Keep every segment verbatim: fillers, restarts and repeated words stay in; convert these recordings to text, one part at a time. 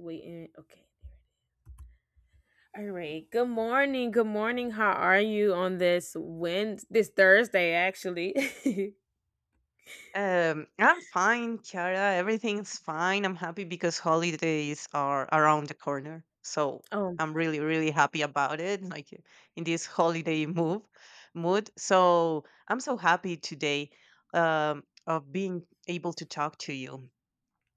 Waiting. Okay. All right. Good morning. Good morning. How are you on this Wednesday, this Thursday actually? Um, I'm fine, Kiara. Everything's fine. I'm happy because holidays are around the corner. So Oh, I'm really, really happy about it. Like in this holiday move mood. So I'm so happy today um, of being able to talk to you.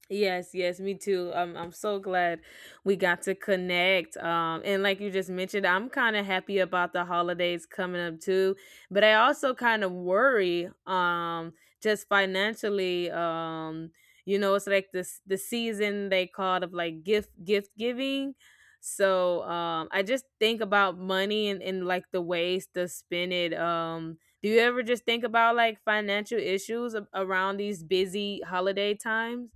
yes, yes, me too. Um, I'm so glad we got to connect. Um, and like you just mentioned, I'm kind of happy about the holidays coming up too, but I also kind of worry, um, just financially. Um, you know, it's like this the season they called of like gift gift giving. So um, I just think about money and, and like the ways to spend it. Um, do you ever just think about like financial issues a- around these busy holiday times?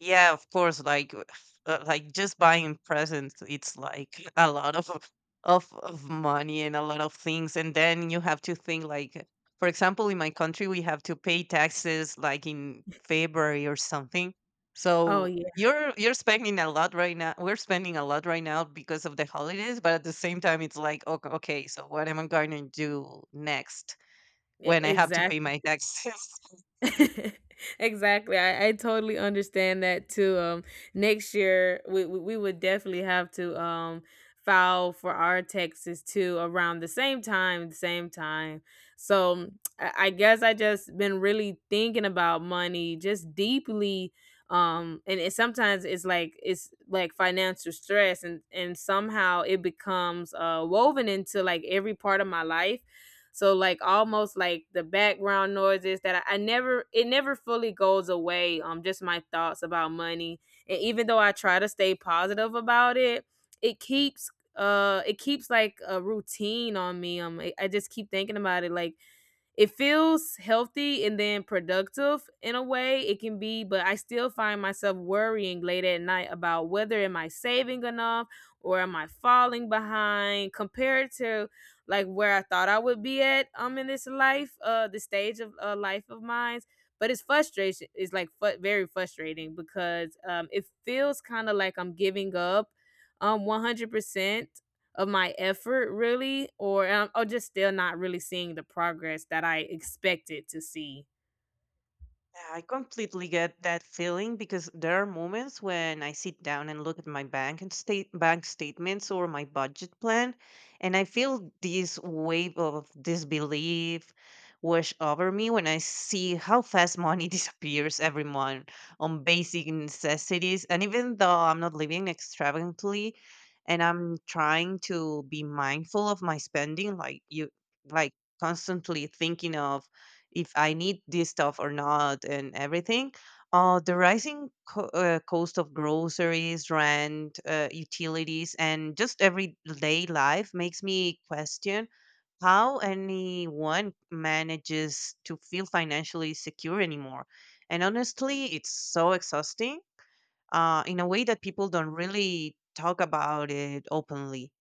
Yeah, of course. Like, uh, like just buying presents, it's like a lot of of of money and a lot of things, and then you have to think like, for example, in my country, we have to pay taxes like in February or something. Oh So yeah, you're you're spending a lot right now. We're spending a lot right now because of the holidays, but at the same time, it's like, okay, okay, so what am I going to do next e- when I have to pay exactly. my taxes? Exactly. I, I totally understand that too. Um, next year we, we we would definitely have to um file for our taxes too around the same time, the same time. So I, I guess I just been really thinking about money just deeply. Um, and it, sometimes it's like it's like financial stress, and and somehow it becomes uh woven into like every part of my life, so like almost like the background noises that I, I never it never fully goes away. Um, just my thoughts about money, and even though I try to stay positive about it, it keeps uh it keeps like a routine on me. Um, I, I just keep thinking about it like it feels healthy and then productive in a way it can be, but I still find myself worrying late at night about whether am I saving enough or am I falling behind compared to like where I thought I would be at um in this life, uh the stage of uh, life of mine. But it's frustration, it's like fu- very frustrating because um it feels kind of like i'm giving up um one hundred percent of my effort really, or um, or just still not really seeing the progress that I expected to see. Yeah, I completely get that feeling because there are moments when I sit down and look at my bank and state bank statements or my budget plan, and I feel this wave of disbelief wash over me when I see how fast money disappears every month on basic necessities. And even though I'm not living extravagantly, and I'm trying to be mindful of my spending, like you, like constantly thinking of if I need this stuff or not and everything. Uh, the rising co- uh, cost of groceries, rent, uh, utilities, and just everyday life makes me question how anyone manages to feel financially secure anymore. And honestly, it's so exhausting uh, in a way that people don't really talk about it openly.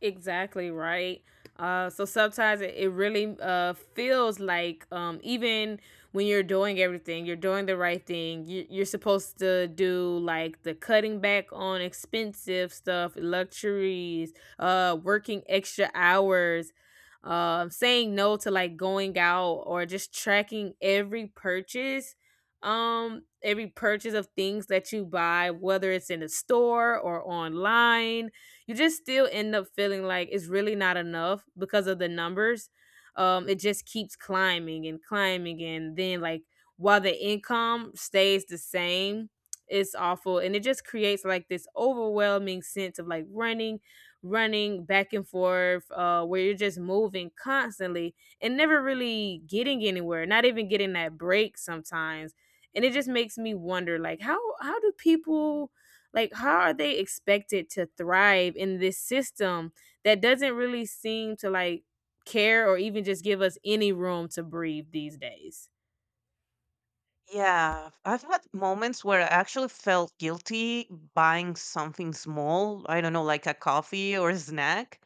Exactly, right. Uh, so sometimes it, it really uh, feels like, um, even when you're doing everything, you're doing the right thing. You, you're supposed to do like the cutting back on expensive stuff, luxuries, uh, working extra hours, um, saying no to like going out or just tracking every purchase, um every purchase of things that you buy whether it's in a store or online. You just still end up feeling like it's really not enough because of the numbers. Um, it just keeps climbing and climbing, and then like while the income stays the same, it's awful, and it just creates like this overwhelming sense of like running, running back and forth, uh, where you're just moving constantly and never really getting anywhere, not even getting that break sometimes. And it just makes me wonder, like, how how do people like, how are they expected to thrive in this system that doesn't really seem to like care or even just give us any room to breathe these days? Yeah, I've had moments where I actually felt guilty buying something small. I don't know, like a coffee or a snack.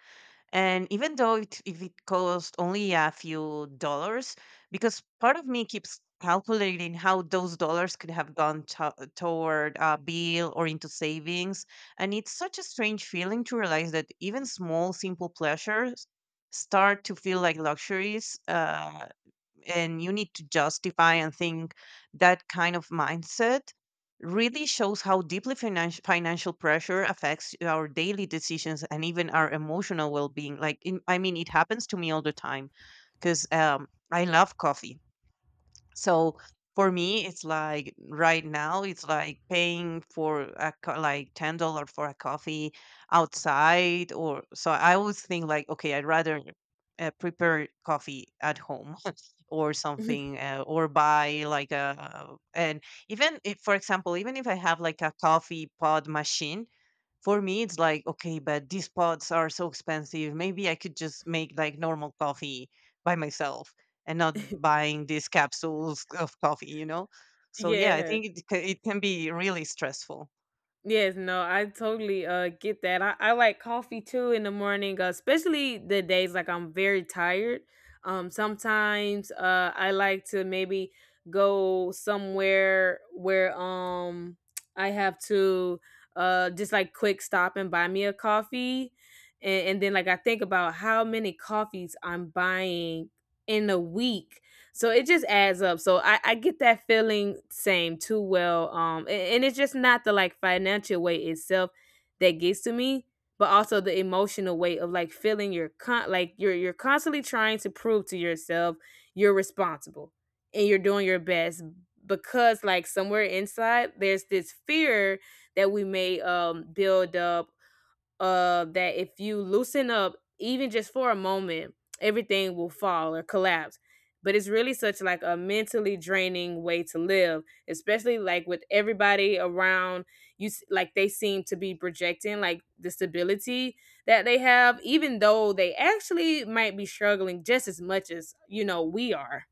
And even though it, if it cost only a few dollars, because part of me keeps calculating how those dollars could have gone to- toward a bill or into savings. And it's such a strange feeling to realize that even small, simple pleasures start to feel like luxuries. Uh, and you need to justify and think that kind of mindset really shows how deeply financi- financial pressure affects our daily decisions and even our emotional well-being like in, I mean it happens to me all the time because um, I love coffee so for me, it's like right now, it's like paying for a co- like ten dollar for a coffee outside, or so I always think like, okay, I'd rather uh, prepare coffee at home or something, uh, or buy like a and even if, for example, even if I have like a coffee pod machine, for me, it's like, okay, but these pods are so expensive. Maybe I could just make like normal coffee by myself and not buying these capsules of coffee, you know? So yeah, I Yeah. think it, ca- it can be really stressful. Yes, no, I totally uh get that. I, I like coffee too in the morning, uh, especially the days like I'm very tired. Um, sometimes uh I like to maybe go somewhere where um I have to uh just like quick stop and buy me a coffee, and, and then like I think about how many coffees I'm buying in a week, so it just adds up. So I, I get that feeling same too well. Um, a- and, it's just not the like financial weight itself that gets to me, but also the emotional weight of like feeling you're con- like you're you're constantly trying to prove to yourself you're responsible and you're doing your best, because like somewhere inside there's this fear that we may um build up, uh that if you loosen up even just for a moment everything will fall or collapse. But it's really such like a mentally draining way to live, especially like with everybody around you s- like they seem to be projecting like the stability that they have, even though they actually might be struggling just as much as, you know, we are.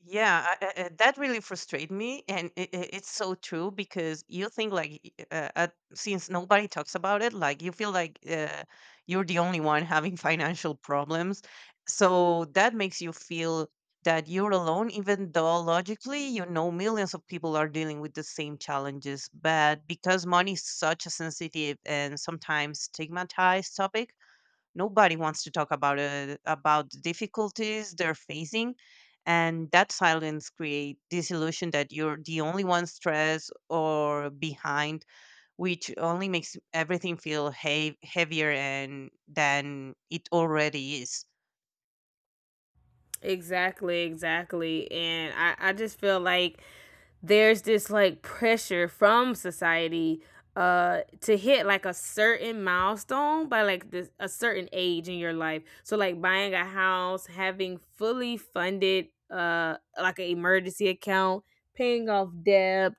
Yeah, I, I, I- that really frustrated me, and it, it, it's so true because you think like y- uh, uh, since nobody talks about it, like you feel like uh, you're the only one having financial problems, so that makes you feel that you're alone, even though logically you know millions of people are dealing with the same challenges. But because money is such a sensitive and sometimes stigmatized topic, nobody wants to talk about uh, about the difficulties they're facing, and that silence create this illusion that you're the only one stressed or behind, which only makes everything feel hea- heavier and than it already is. Exactly, exactly. And I, I just feel like there's this like pressure from society uh to hit like a certain milestone by like this a certain age in your life. So like buying a house, having fully funded uh like an emergency account, paying off debt,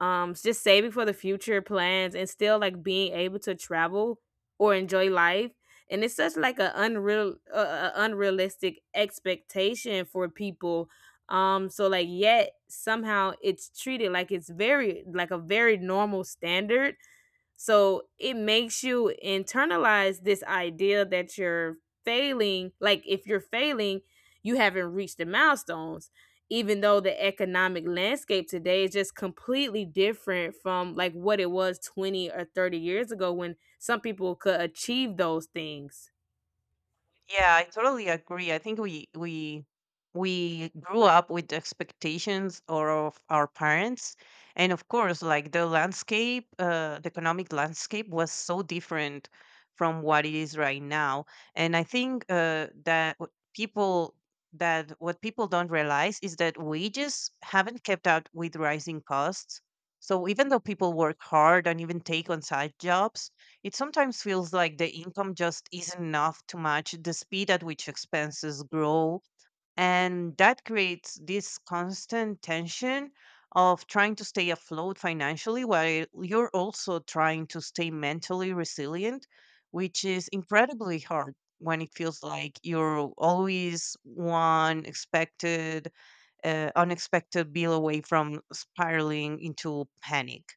um s- just saving for the future plans and still like being able to travel or enjoy life. And it's such like a unreal uh, uh, unrealistic expectation for people. Um so like, yet somehow it's treated like it's very like a very normal standard, so it makes you internalize this idea that you're failing. Like if you're failing, you haven't reached the milestones. Even though the economic landscape today is just completely different from like what it was twenty or thirty years ago when some people could achieve those things. Yeah, I totally agree. I think we we we grew up with the expectations or of our parents, and of course, like the landscape, uh, the economic landscape was so different from what it is right now. And I think uh, that what people that what people don't realize is that wages haven't kept up with rising costs. So even though people work hard and even take on side jobs, it sometimes feels like the income just isn't enough to match the speed at which expenses grow. And that creates this constant tension of trying to stay afloat financially while you're also trying to stay mentally resilient, which is incredibly hard when it feels like you're always one expected, uh, unexpected bill away from spiraling into panic.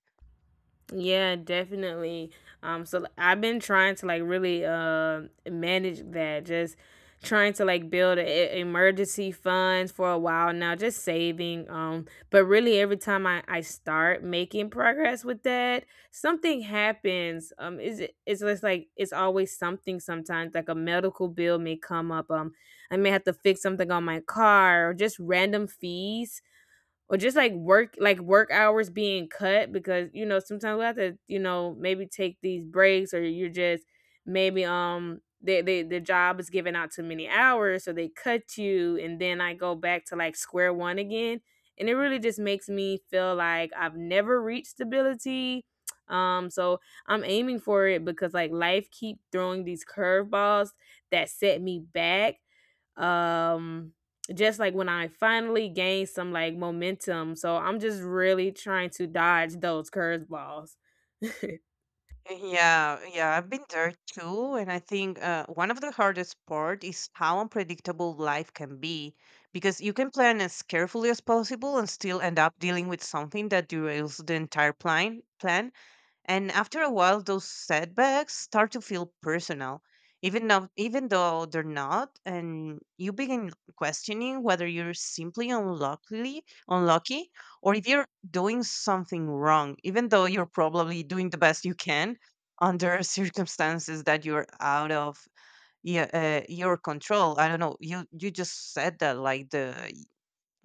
Yeah, definitely. Um, so I've been trying to like really um manage that. Just trying to like build a, emergency funds for a while now, just saving. Um, but really every time I I start making progress with that, something happens. Um, is it It's just like it's always something. Sometimes like a medical bill may come up. Um, I may have to fix something on my car or just random fees, or just like work like work hours being cut because, you know, sometimes we have to, you know, maybe take these breaks, or you're just maybe um they, they the job is giving out too many hours, so they cut you and then I go back to like square one again. And it really just makes me feel like I've never reached stability. um so I'm aiming for it because like life keep throwing these curveballs that set me back, um just like when I finally gained some like momentum. So I'm just really trying to dodge those curveballs. Yeah, yeah, I've been there too, and I think uh, one of the hardest part is how unpredictable life can be, because you can plan as carefully as possible and still end up dealing with something that derails the entire plan. Plan, And after a while, those setbacks start to feel personal, even though, even though they're not, and you begin questioning whether you're simply unlucky, unlucky, or if you're doing something wrong, even though you're probably doing the best you can under circumstances that you're out of yeah, uh, your control. I don't know. You you just said that like the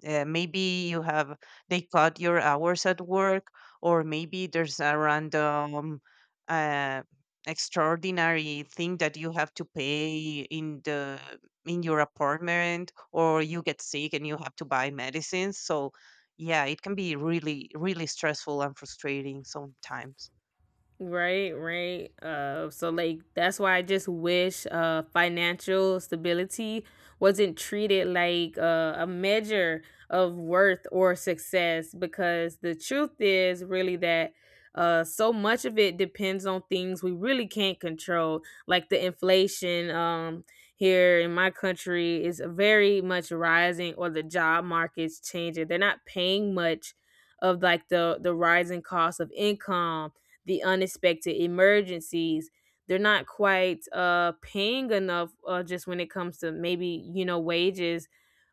uh, maybe you have they cut your hours at work, or maybe there's a random uh, extraordinary thing that you have to pay in the in your apartment, or you get sick and you have to buy medicines. So yeah, it can be really really stressful and frustrating sometimes. Right, right. Uh, so like that's why I just wish uh financial stability wasn't treated like uh, a measure of worth or success, because the truth is really that uh so much of it depends on things we really can't control, like the inflation. Um here in my country is very much rising, or the job market's changing. They're not paying much of like the the rising cost of income, the unexpected emergencies. They're not quite uh, paying enough uh, just when it comes to maybe, you know, wages.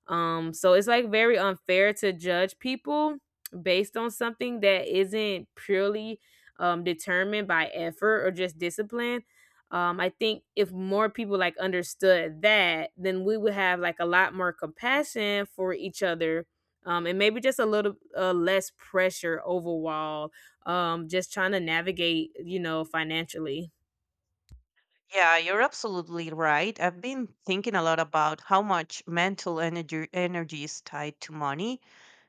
um, So it's like very unfair to judge people based on something that isn't purely um, determined by effort or just discipline. Um, I think if more people like understood that, then we would have like a lot more compassion for each other, um, and maybe just a little uh, less pressure overall. Um, just trying to navigate, you know, financially. Yeah, you're absolutely right. I've been thinking a lot about how much mental energy energy is tied to money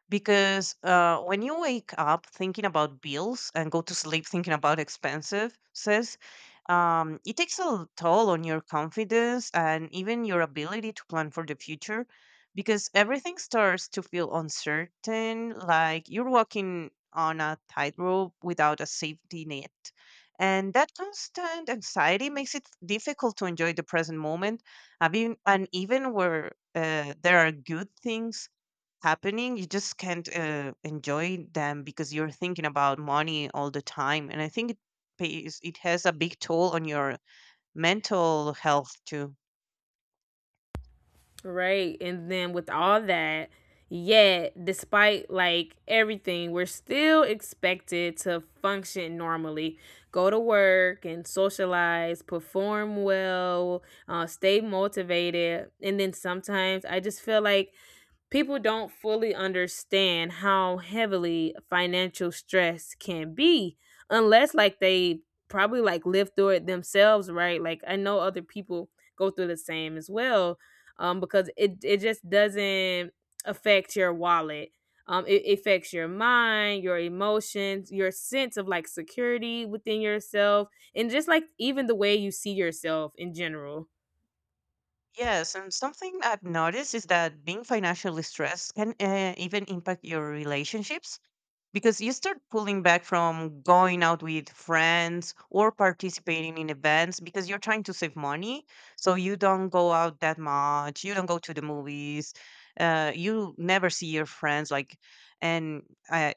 because uh, when you wake up thinking about bills and go to sleep thinking about expensive says um, it takes a l- toll on your confidence and even your ability to plan for the future because everything starts to feel uncertain like you're walking on a tightrope without a safety net. And that constant anxiety makes it difficult to enjoy the present moment. I mean, and even where uh, there are good things happening, you just can't uh, enjoy them because you're thinking about money all the time. And I think it pays it has a big toll on your mental health too. Right. And then with all that, yet despite like everything, we're still expected to function normally, go to work and socialize, perform well, uh, stay motivated. And then sometimes I just feel like people don't fully understand how heavily financial stress can be unless like they probably like live through it themselves, right? Like I know other people go through the same as well. Um, because it it just doesn't affect your wallet. Um, it affects your mind, your emotions, your sense of like security within yourself, and just like even the way you see yourself in general. Yes, and something I've noticed is that being financially stressed can uh, even impact your relationships because you start pulling back from going out with friends or participating in events because you're trying to save money. So you don't go out that much, you don't go to the movies, uh, you never see your friends like and uh,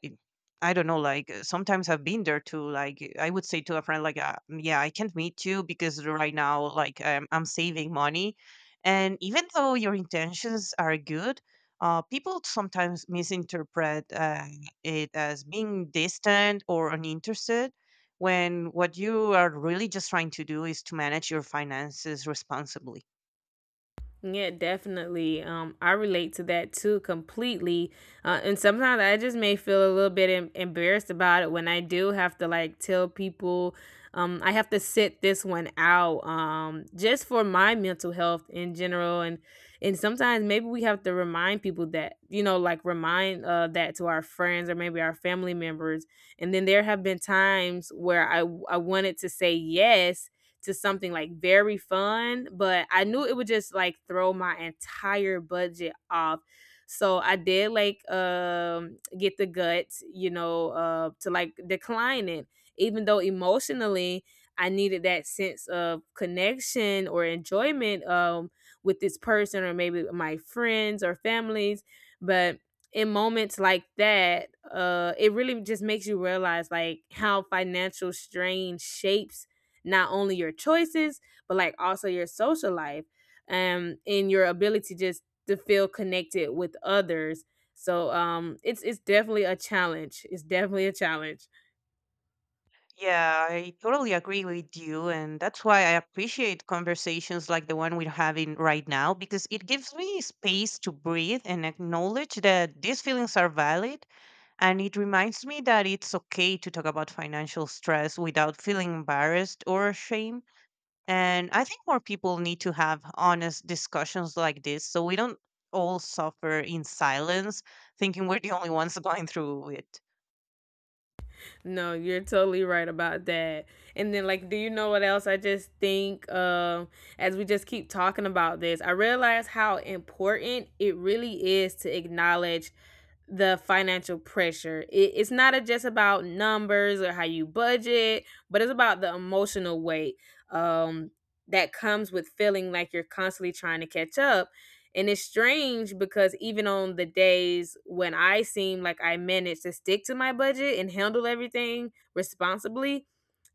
I don't know, like uh, sometimes I've been there too. Like uh, I would say to a friend, like, uh, "Mm, yeah, I can't meet you because right now, like, I'm, I'm saving money." And even though your intentions are good, uh, people sometimes misinterpret uh, it as being distant or uninterested when what you are really just trying to do is to manage your finances responsibly. Yeah, definitely. Um, I relate to that too completely. Uh, and sometimes I just may feel a little bit em- embarrassed about it when I do have to like tell people, um, I have to sit this one out, um, just for my mental health in general. And and sometimes maybe we have to remind people that, you know, like remind uh that to our friends or maybe our family members. And then there have been times where I I wanted to say yes to something like very fun, but I knew it would just like throw my entire budget off. So I did like um get the guts, you know, uh to like decline it, even though emotionally I needed that sense of connection or enjoyment um with this person or maybe my friends or families. But in moments like that, uh, it really just makes you realize like how financial strain shapes not only your choices but like also your social life um and your ability just to feel connected with others. So um it's it's definitely a challenge, it's definitely a challenge. Yeah, I totally agree with you. And that's why I appreciate conversations like the one we're having right now, because it gives me space to breathe and acknowledge that these feelings are valid. And it reminds me that it's okay to talk about financial stress without feeling embarrassed or ashamed. And I think more people need to have honest discussions like this so we don't all suffer in silence, thinking we're the only ones going through it. No, you're totally right about that. And then like do you know what else I just think, um as we just keep talking about this, I realize how important it really is to acknowledge the financial pressure. It, it's not a, just about numbers or how you budget, but it's about the emotional weight um, that comes with feeling like you're constantly trying to catch up. And it's strange because even on the days when I seem like I manage to stick to my budget and handle everything responsibly,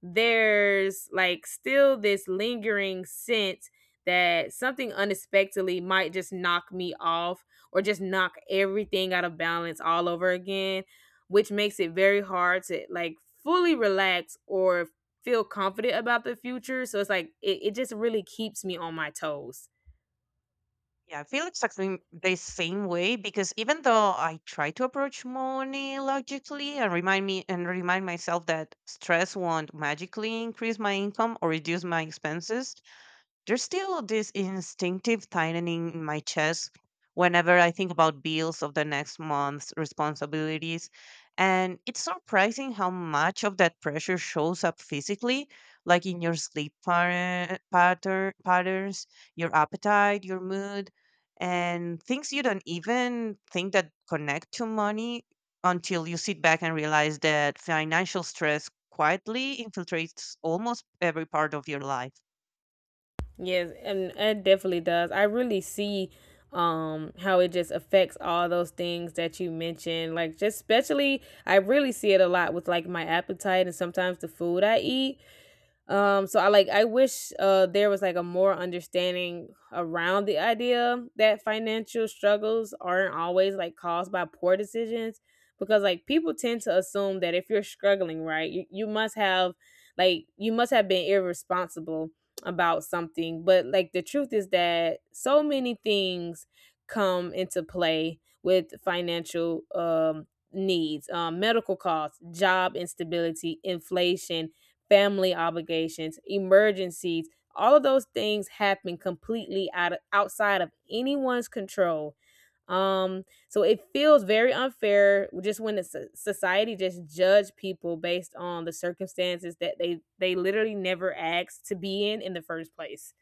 there's like still this lingering sense that something unexpectedly might just knock me off or just knock everything out of balance all over again, which makes it very hard to like fully relax or feel confident about the future. So it's like it, it just really keeps me on my toes. Yeah, I feel exactly the same way because even though I try to approach money logically and remind me and remind myself that stress won't magically increase my income or reduce my expenses, there's still this instinctive tightening in my chest whenever I think about bills of the next month's responsibilities. And it's surprising how much of that pressure shows up physically, like in your sleep par- patter- patterns, your appetite, your mood, and things you don't even think that connect to money until you sit back and realize that financial stress quietly infiltrates almost every part of your life. Yes, and it definitely does. I really see um how it just affects all those things that you mentioned. Like just especially I really see it a lot with like my appetite and sometimes the food I eat. Um, so I like I wish uh there was like a more understanding around the idea that financial struggles aren't always like caused by poor decisions because like people tend to assume that if you're struggling, right, you, you must have like you must have been irresponsible about something. But like the truth is that so many things come into play with financial um needs, um medical costs, job instability, inflation, family obligations, emergencies, all of those things happen completely out of, outside of anyone's control. Um, so it feels very unfair just when the so- society just judge people based on the circumstances that they they literally never asked to be in in the first place.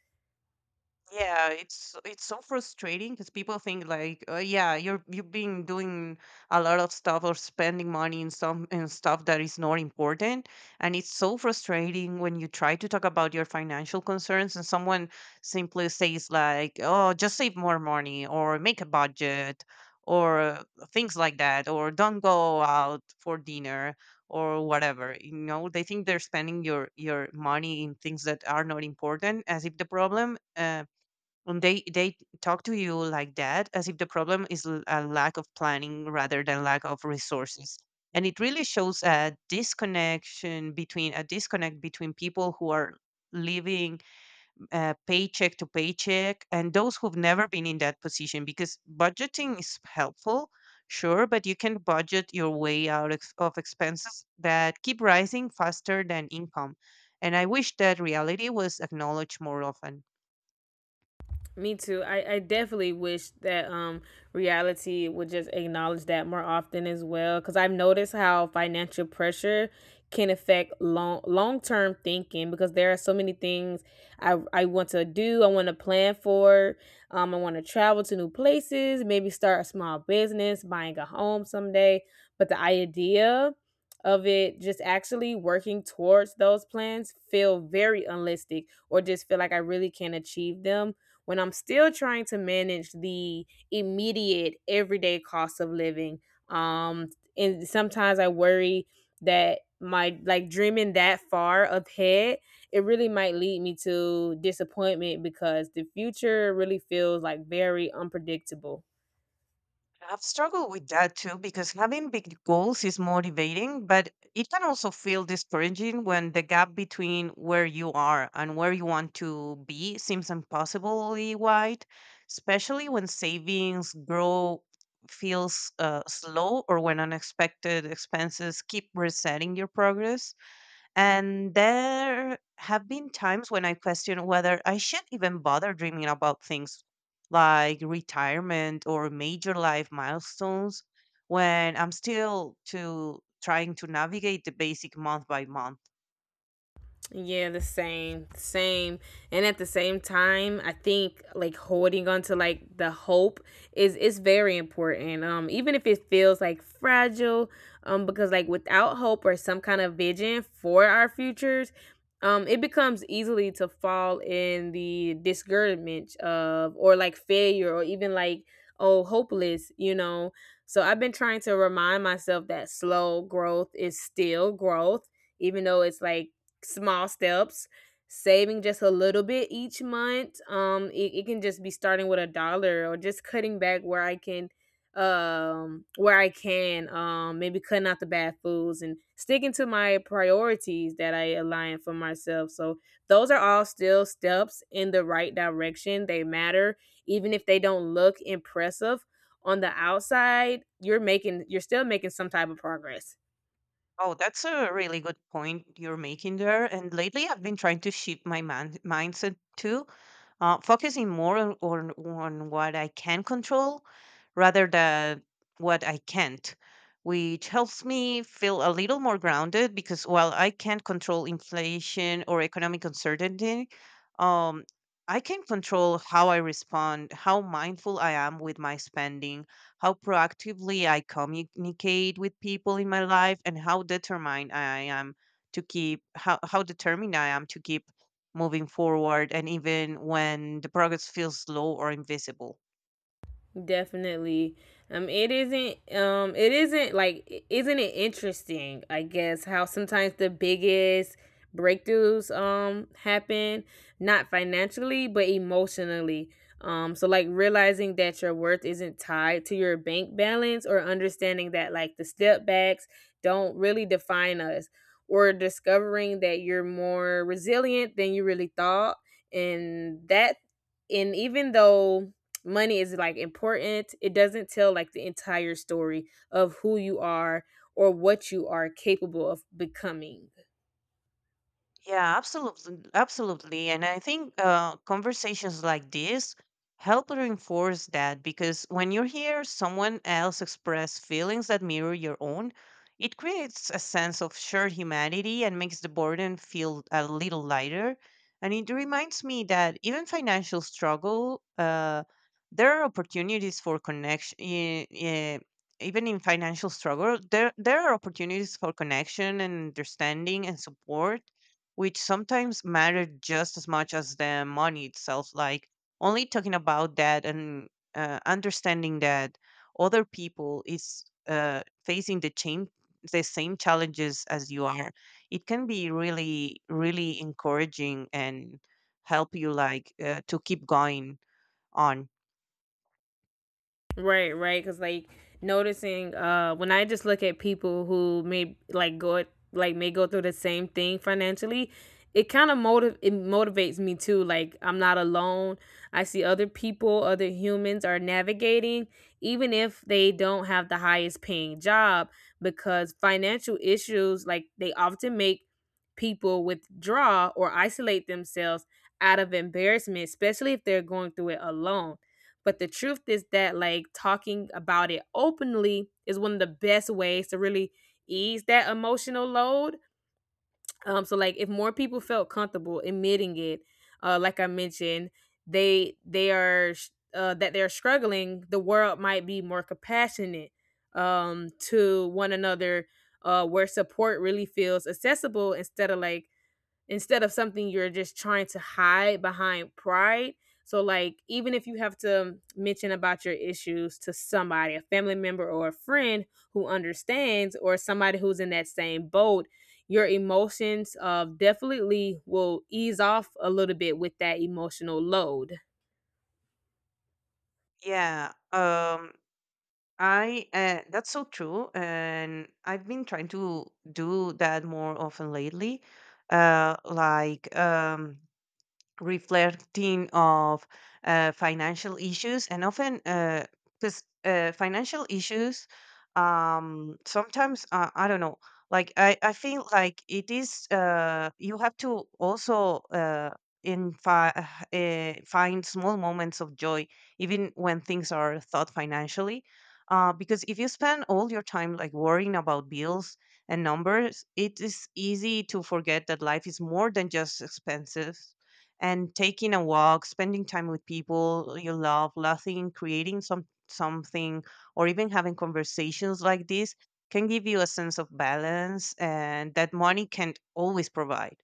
Yeah, it's it's so frustrating because people think like, uh, yeah, you're you've been doing a lot of stuff or spending money in some in stuff that is not important, and it's so frustrating when you try to talk about your financial concerns and someone simply says like, oh, just save more money or make a budget or things like that or don't go out for dinner or whatever. You know, they think they're spending your your money in things that are not important as if the problem. uh. Um, they they talk to you like that as if the problem is l- a lack of planning rather than lack of resources. And it really shows a disconnection between a disconnect between people who are living uh, paycheck to paycheck and those who've never been in that position. Because budgeting is helpful, sure, but you can budget your way out ex- of expenses that keep rising faster than income. And I wish that reality was acknowledged more often. Me too. I, I definitely wish that um reality would just acknowledge that more often as well, cuz I've noticed how financial pressure can affect long long-term thinking because there are so many things I I want to do, I want to plan for, um I want to travel to new places, maybe start a small business, buying a home someday, but the idea of it just actually working towards those plans feel very unrealistic or just feel like I really can't achieve them when I'm still trying to manage the immediate everyday cost of living. Um, and sometimes I worry that my like dreaming that far ahead, it really might lead me to disappointment because the future really feels like very unpredictable. I've struggled with that too, because having big goals is motivating, but it can also feel discouraging when the gap between where you are and where you want to be seems impossibly wide, especially when savings grow feels uh, slow or when unexpected expenses keep resetting your progress. And there have been times when I question whether I should even bother dreaming about things like retirement or major life milestones when I'm still to trying to navigate the basic month by month. Yeah, the same, same. And at the same time, I think like holding on to like the hope is is very important. Um, even if it feels like fragile, um because like without hope or some kind of vision for our futures, um it becomes easily to fall in the discouragement of or like failure or even like oh, hopeless, you know. So I've been trying to remind myself that slow growth is still growth, even though it's like small steps, saving just a little bit each month. um it, it can just be starting with a dollar or just cutting back where i can um where i can um maybe cutting out the bad foods and sticking to my priorities that I align for myself. So those are all still steps in the right direction. They matter, even if they don't look impressive on the outside. You're making you're still making some type of progress. Oh, that's a really good point you're making there. And lately I've been trying to shift my man- mindset too, uh, focusing more on, on on what I can control rather than what I can't, which helps me feel a little more grounded because while I can't control inflation or economic uncertainty, um, I can control how I respond, how mindful I am with my spending, how proactively I communicate with people in my life, and how determined I am to keep how, how determined I am to keep moving forward and even when the progress feels slow or invisible. Definitely. Um it isn't um it isn't like, isn't it interesting, I guess, how sometimes the biggest breakthroughs um happen not financially but emotionally. Um so like realizing that your worth isn't tied to your bank balance, or understanding that like the step backs don't really define us, or discovering that you're more resilient than you really thought. And that and even though money is like important, it doesn't tell like the entire story of who you are or what you are capable of becoming. Yeah, absolutely, absolutely. And I think uh, conversations like this help reinforce that because when you hear someone else express feelings that mirror your own, it creates a sense of shared humanity and makes the burden feel a little lighter. And it reminds me that even financial struggle, uh, there are opportunities for connection. Uh, even in financial struggle, there there are opportunities for connection and understanding and support which sometimes mattered just as much as the money itself. Like only talking about that and uh, understanding that other people is uh, facing the chain the same challenges as you are, it can be really really encouraging and help you like uh, to keep going on. Right, right. Because like noticing, uh, when I just look at people who may like go like may go through the same thing financially, it kind of motiv it motivates me too. Like I'm not alone. I see other people, other humans are navigating, even if they don't have the highest paying job, because financial issues like they often make people withdraw or isolate themselves out of embarrassment, especially if they're going through it alone. But the truth is that, like, talking about it openly is one of the best ways to really ease that emotional load. Um, so, like, if more people felt comfortable admitting it, uh, like I mentioned, they they are sh- uh, that they're struggling, the world might be more compassionate um, to one another, uh, where support really feels accessible instead of like instead of something you're just trying to hide behind pride. So, like, even if you have to mention about your issues to somebody, a family member or a friend who understands, or somebody who's in that same boat, your emotions uh, definitely will ease off a little bit with that emotional load. Yeah. Um I uh, that's so true, and I've been trying to do that more often lately. Uh, like um, reflecting of uh, financial issues and often because uh, 'cause, uh, financial issues um, sometimes uh, I don't know like I, I feel like it is uh, you have to also uh, in fi- uh, find small moments of joy even when things are thought financially uh, because if you spend all your time like worrying about bills and numbers it is easy to forget that life is more than just expenses and taking a walk, spending time with people you love, laughing, creating some something, or even having conversations like this can give you a sense of balance and that money can't always provide.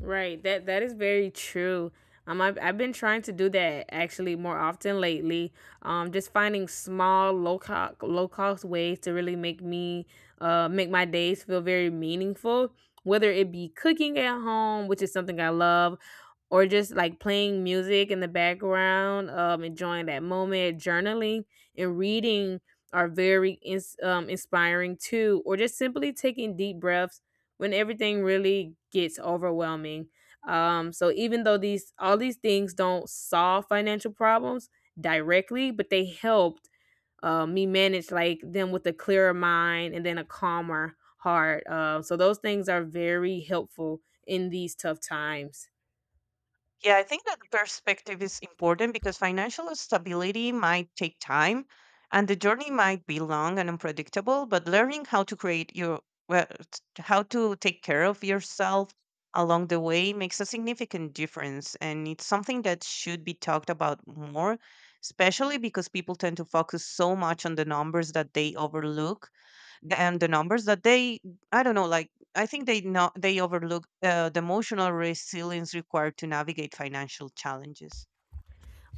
Right. That that is very true. Um, I've, I've been trying to do that actually more often lately. Um, just finding small low cost low cost ways to really make me uh make my days feel very meaningful. Whether it be cooking at home, which is something I love, or just like playing music in the background, um, enjoying that moment, journaling and reading are very ins- um, inspiring too. Or just simply taking deep breaths when everything really gets overwhelming. Um, so even though these all these things don't solve financial problems directly, but they helped uh, me manage like them with a clearer mind and then a calmer heart. Uh, so those things are very helpful in these tough times. Yeah, I think that the perspective is important because financial stability might take time and the journey might be long and unpredictable, but learning how to create your well, t- how to take care of yourself along the way makes a significant difference and it's something that should be talked about more, especially because people tend to focus so much on the numbers that they overlook the- and the numbers that they I don't know like I think they know they overlook uh, the emotional resilience required to navigate financial challenges.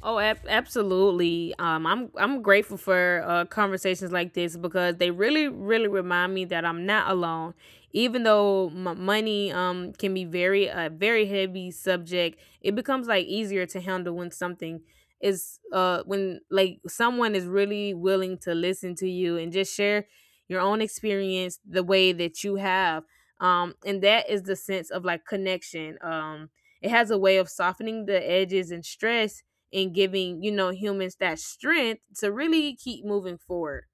Oh, ab- absolutely. Um, I'm I'm grateful for uh, conversations like this because they really, really remind me that I'm not alone. Even though m- money um can be very a very heavy subject, it becomes like easier to handle when something is uh when like someone is really willing to listen to you and just share your own experience the way that you have. Um, and that is the sense of like connection. Um, it has a way of softening the edges and stress and giving, you know, humans that strength to really keep moving forward.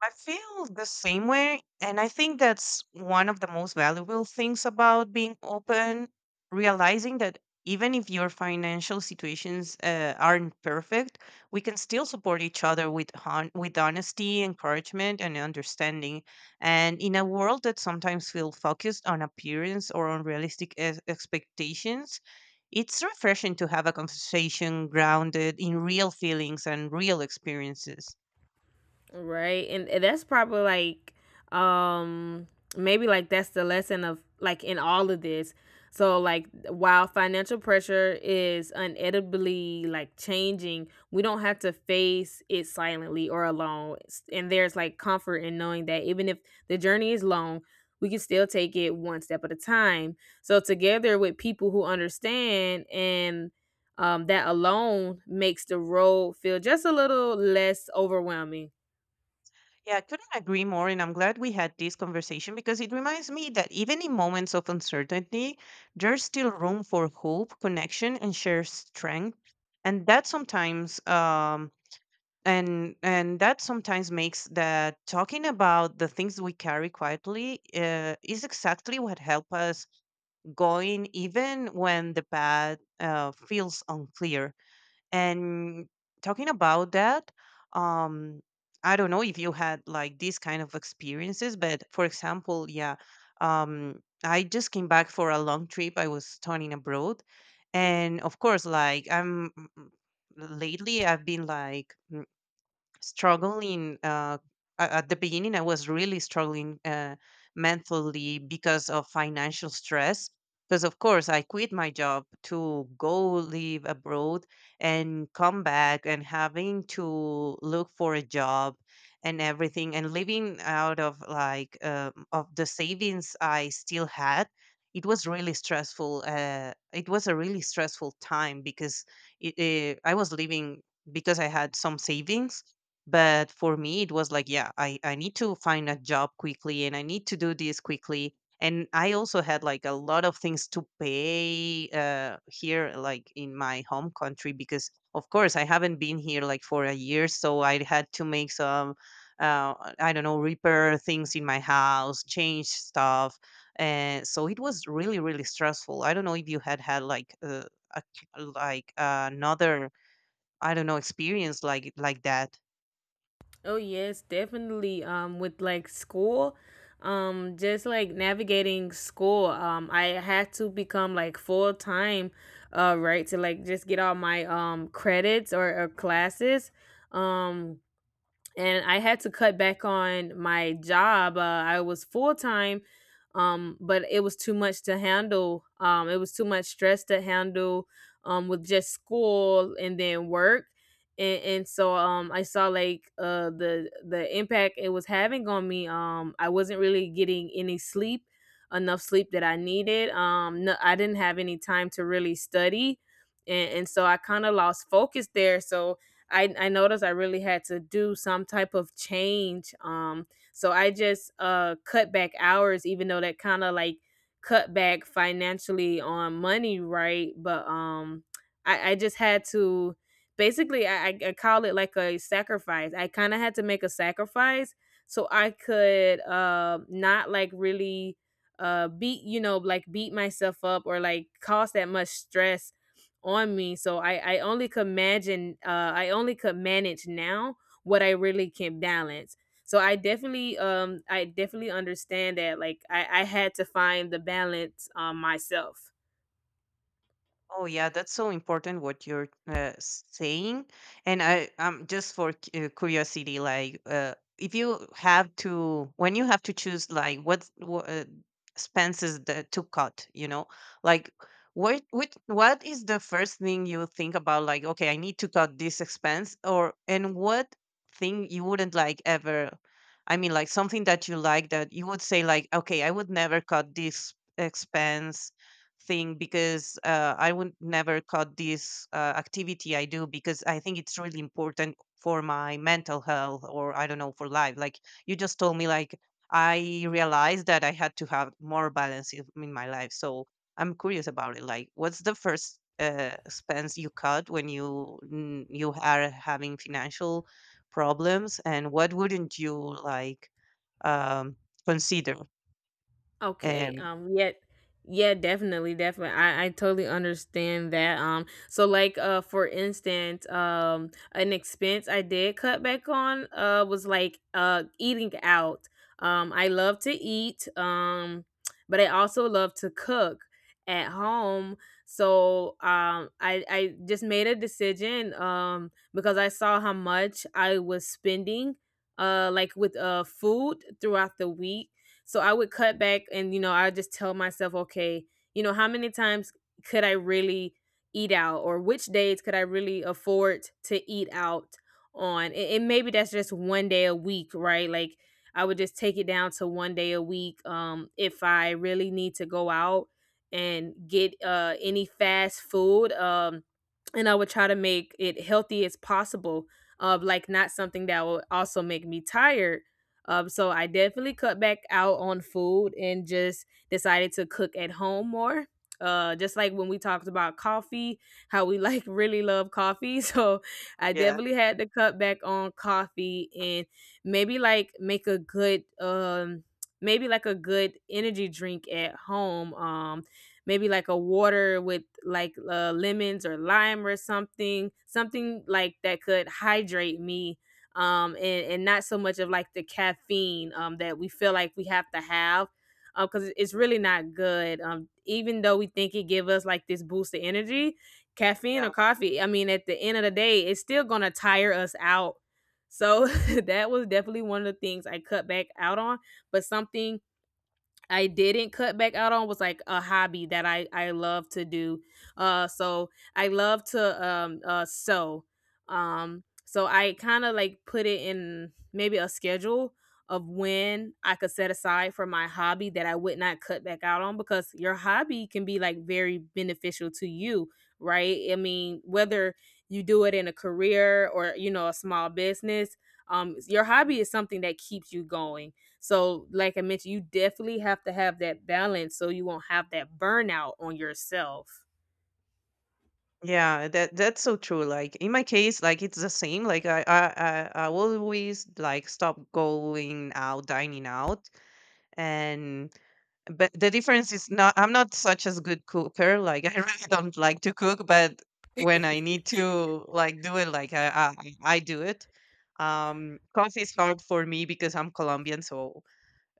I feel the same way. And I think that's one of the most valuable things about being open, realizing that even if your financial situations uh, aren't perfect, we can still support each other with, hon- with honesty, encouragement, and understanding. And in a world that sometimes feels focused on appearance or on realistic ex- expectations, it's refreshing to have a conversation grounded in real feelings and real experiences. Right. And and that's probably like um maybe like that's the lesson of like in all of this. So like while financial pressure is inevitably like changing, we don't have to face it silently or alone. S- And there's like comfort in knowing that even if the journey is long, we can still take it one step at a time. So together with people who understand, and um, that alone makes the road feel just a little less overwhelming. Yeah, I couldn't agree more. And I'm glad we had this conversation because it reminds me that even in moments of uncertainty, there's still room for hope, connection, and shared strength. And that sometimes, um, and and that sometimes makes that talking about the things we carry quietly uh, is exactly what help us going even when the path uh, feels unclear. And talking about that, um, I don't know if you had like these kind of experiences, but for example, yeah, um, I just came back for a long trip. I was studying abroad, and of course, like I'm mm, lately, I've been like struggling uh, a- at the beginning I was really struggling uh, mentally because of financial stress because of course I quit my job to go live abroad and come back and having to look for a job and everything and living out of like um, of the savings I still had. It was really stressful, uh, it was a really stressful time because it, eh, I was living because I had some savings but for me it was like, yeah, i i need to find a job quickly and I need to do this quickly. And I also had like a lot of things to pay uh here like in my home country because of course I haven't been here like for a year, so I had to make some uh I don't know, repair things in my house, change stuff. And so it was really really stressful. I don't know if you had had like uh, a, like another, I don't know, experience like like that. Oh yes, definitely. Um, with like school, um, just like navigating school, um, I had to become like full time, uh, right, to like just get all my um credits or, or classes, um, and I had to cut back on my job. Uh, I was full time, um, but it was too much to handle. Um, it was too much stress to handle um, with just school and then work. And, and so um, I saw like uh, the the impact it was having on me. Um, I wasn't really getting any sleep, enough sleep that I needed. Um, no, I didn't have any time to really study, and, and so I kind of lost focus there. So I, I noticed I really had to do some type of change. Um, so I just uh cut back hours, even though that kind of like cut back financially on money, right? But um, I, I just had to basically I, I I call it like a sacrifice. I kind of had to make a sacrifice so I could uh not like really uh beat you know like beat myself up or like cause that much stress on me. So I, I only could imagine, uh, I only could manage now what I really can balance. So I definitely, um, I definitely understand that. Like I, I had to find the balance um, myself. Oh yeah, that's so important what you're uh, saying. And I um just for cu- uh, curiosity, like uh, if you have to when you have to choose like what wha- uh, expenses that to cut, you know, like what what, what is the first thing you think about? Like, okay, I need to cut this expense, or and what thing you wouldn't like ever. I mean, like something that you like that you would say like, okay, I would never cut this expense thing because uh, I would never cut this uh, activity I do because I think it's really important for my mental health or I don't know for life. Like you just told me, like I realized that I had to have more balance in in my life. So I'm curious about it. Like, what's the first uh, expense you cut when you n- you are having financial problems, and what wouldn't you like um, consider? Okay. Um, Um. Yeah. Yeah. Definitely. Definitely. I I totally understand that. Um. So like uh for instance um an expense I did cut back on uh was like uh eating out. Um. I love to eat. Um. But I also love to cook at home. So um I I just made a decision um because I saw how much I was spending uh like with uh food throughout the week, so I would cut back. And, you know, I just tell myself, okay, you know, how many times could I really eat out, or which days could I really afford to eat out on? And, and maybe that's just one day a week, right? Like I would just take it down to one day a week um, if I really need to go out and get uh, any fast food. Um, and I would try to make it healthy as possible, uh, like not something that would also make me tired um, so I definitely cut back out on food and just decided to cook at home more. Uh, just like when we talked about coffee, how we like really love coffee. So I yeah. definitely had to cut back on coffee and maybe like make a good um maybe like a good energy drink at home. Um, maybe like a water with like uh, lemons or lime or something, something like that could hydrate me um, and, and not so much of like the caffeine um, that we feel like we have to have because it's really not good. Um, even though we think it give us like this boost of energy, caffeine or coffee, I mean, at the end of the day, it's still going to tire us out. So that was definitely one of the things I cut back out on, but something I didn't cut back out on was like a hobby that I I love to do. Uh so I love to um uh sew. Um so I kind of like put it in maybe a schedule of when I could set aside for my hobby that I would not cut back out on because your hobby can be like very beneficial to you, right? I mean, whether you do it in a career or you know a small business, um your hobby is something that keeps you going so, like I mentioned, you definitely have to have that balance so you won't have that burnout on yourself. Yeah, that that's so true. Like in my case, like it's the same. Like I I I, I always like stop going out, dining out, and but the difference is not. I'm not such as good cooker. Like I really don't like to cook, but when I need to like do it, like I I, I do it. Um, coffee is hard for me because I'm Colombian, so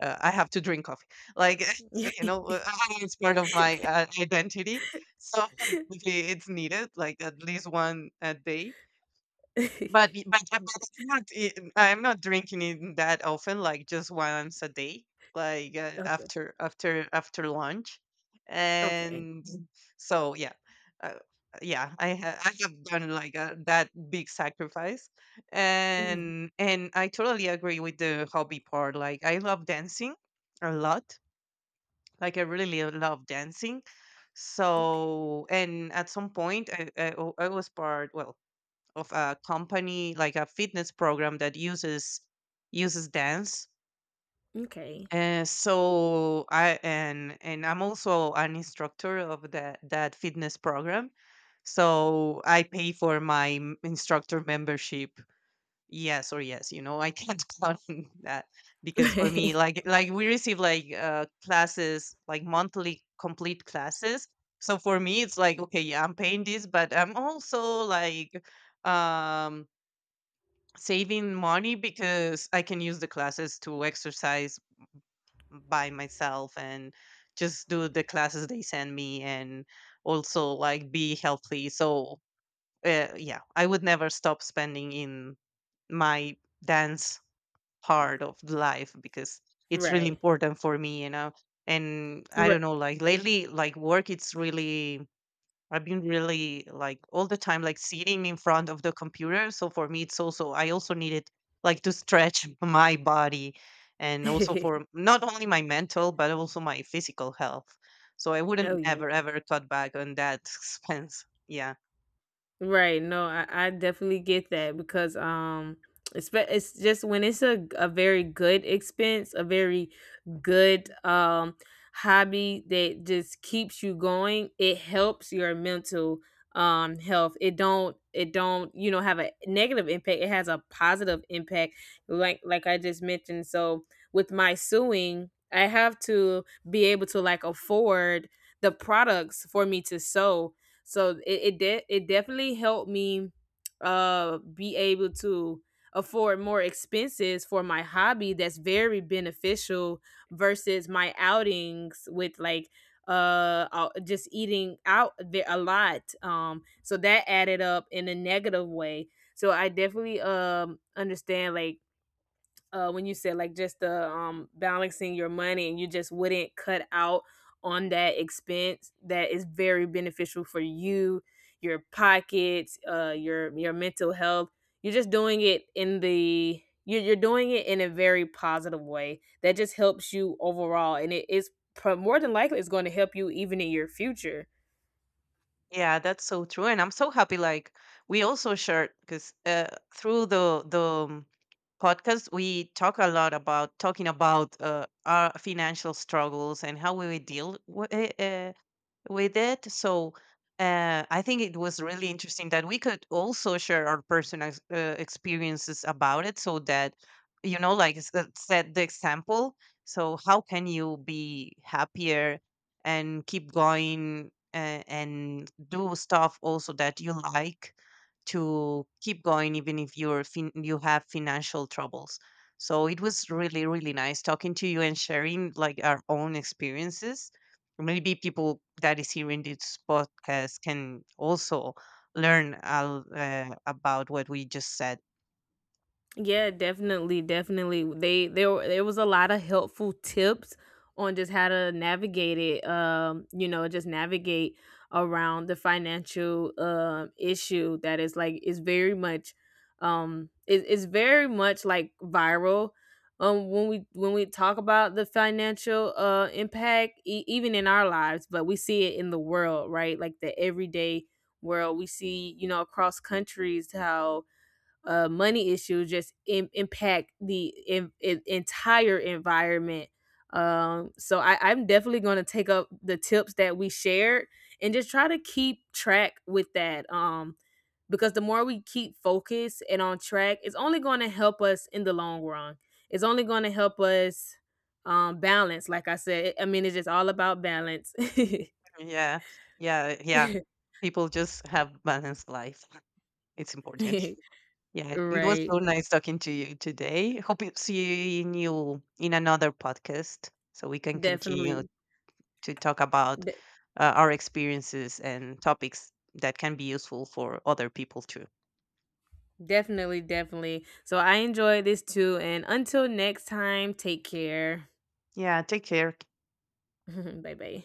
uh, I have to drink coffee. Like you know, uh, it's part of my uh, identity. So obviously it's needed, like at least one a day. But y but but I'm not I I'm not drinking it that often, like, just once a day, like, uh, Okay. after after after lunch, Okay. and so, yeah. Uh, yeah, I ha I have done, like, uh, that big sacrifice, Mm. and and I totally agree with the hobby part. Like, I love dancing a lot, like, I really love dancing, Okay. so and at some point, I I I was part well, of a company like a fitness program that uses uses dance. Okay. And so I and and I'm also an instructor of that that fitness program, so I pay for my m- instructor membership, yes or yes, you know, I can't count on that because for me like like we receive like uh classes like monthly complete classes. So for me it's like, okay, yeah, I'm paying this but I'm also like um saving money because I can use the classes to exercise by myself and just do the classes they send me and also like be healthy. So uh, yeah, I would never stop spending in my dance part of life because it's really Right. important for me, you know. And I Right. don't know, like lately, like work, it's really I've been really like all the time, like sitting in front of the computer. So for me, it's also, I also needed like to stretch my body and also for not only my mental, but also my physical health. So I Oh wouldn't yeah. ever, ever cut back on that expense. Yeah. Right. No, I, I definitely get that because um it's it's just when it's a a very good expense, a very good um hobby that just keeps you going, it helps your mental um health. It don't it don't, you know, have a negative impact. It has a positive impact like like I just mentioned. So with my sewing, I have to be able to like afford the products for me to sew so it it, de- it definitely helped me uh be able to afford more expenses for my hobby that's very beneficial versus my outings with like uh uh, just eating out there a lot um so that added up in a negative way so I definitely um understand like uh, when you said like just the um, balancing your money and you just wouldn't cut out on that expense that is very beneficial for you, your pockets, uh, your your mental health. You're just doing it in the you're, you're doing it in a very positive way that just helps you overall and it is pro- more than likely it's going to help you even in your future. Yeah, that's so true. And I'm so happy. Like we also shared because uh, through the, the, um, podcast we talk a lot about talking about uh, our financial struggles and how we will deal with, with it. So uh, I think it was really interesting that we could also share our personal ex- uh, experiences about it so that, you know, like s- uh, set the example. So, how can you be happier and keep going uh, and do stuff also that you like? To keep going even if you're fin- you have financial troubles. So it was really really nice talking to you and sharing like our own experiences. Maybe people that is hearing this podcast can also learn uh, uh, about what we just said. Yeah, definitely, definitely. They there were- there was a lot of helpful tips on just how to navigate it. Um, you know, just navigate around the financial um issue that is like is very much um it, it's very much like viral. Um, when we when we talk about the financial uh impact, e- even in our lives, but we see it in the world, right? Like the everyday world, we see you know across countries how uh, money issues just Im- impact the en- en- entire environment. Um, so I, I'm definitely going to take up the tips that we shared and just try to keep track with that. Um, because the more we keep focused and on track, it's only going to help us in the long run. It's only going to help us um, balance. Like I said, I mean, it's just all about balance. Yeah yeah yeah, people just have balanced life, it's important. Yeah, it was Right. so nice talking to you today. Hope to see you in another podcast so we can continue Definitely. to talk about uh, our experiences and topics that can be useful for other people too. Definitely, definitely. So I enjoyed this too. And until next time, take care. Yeah, take care. Bye bye.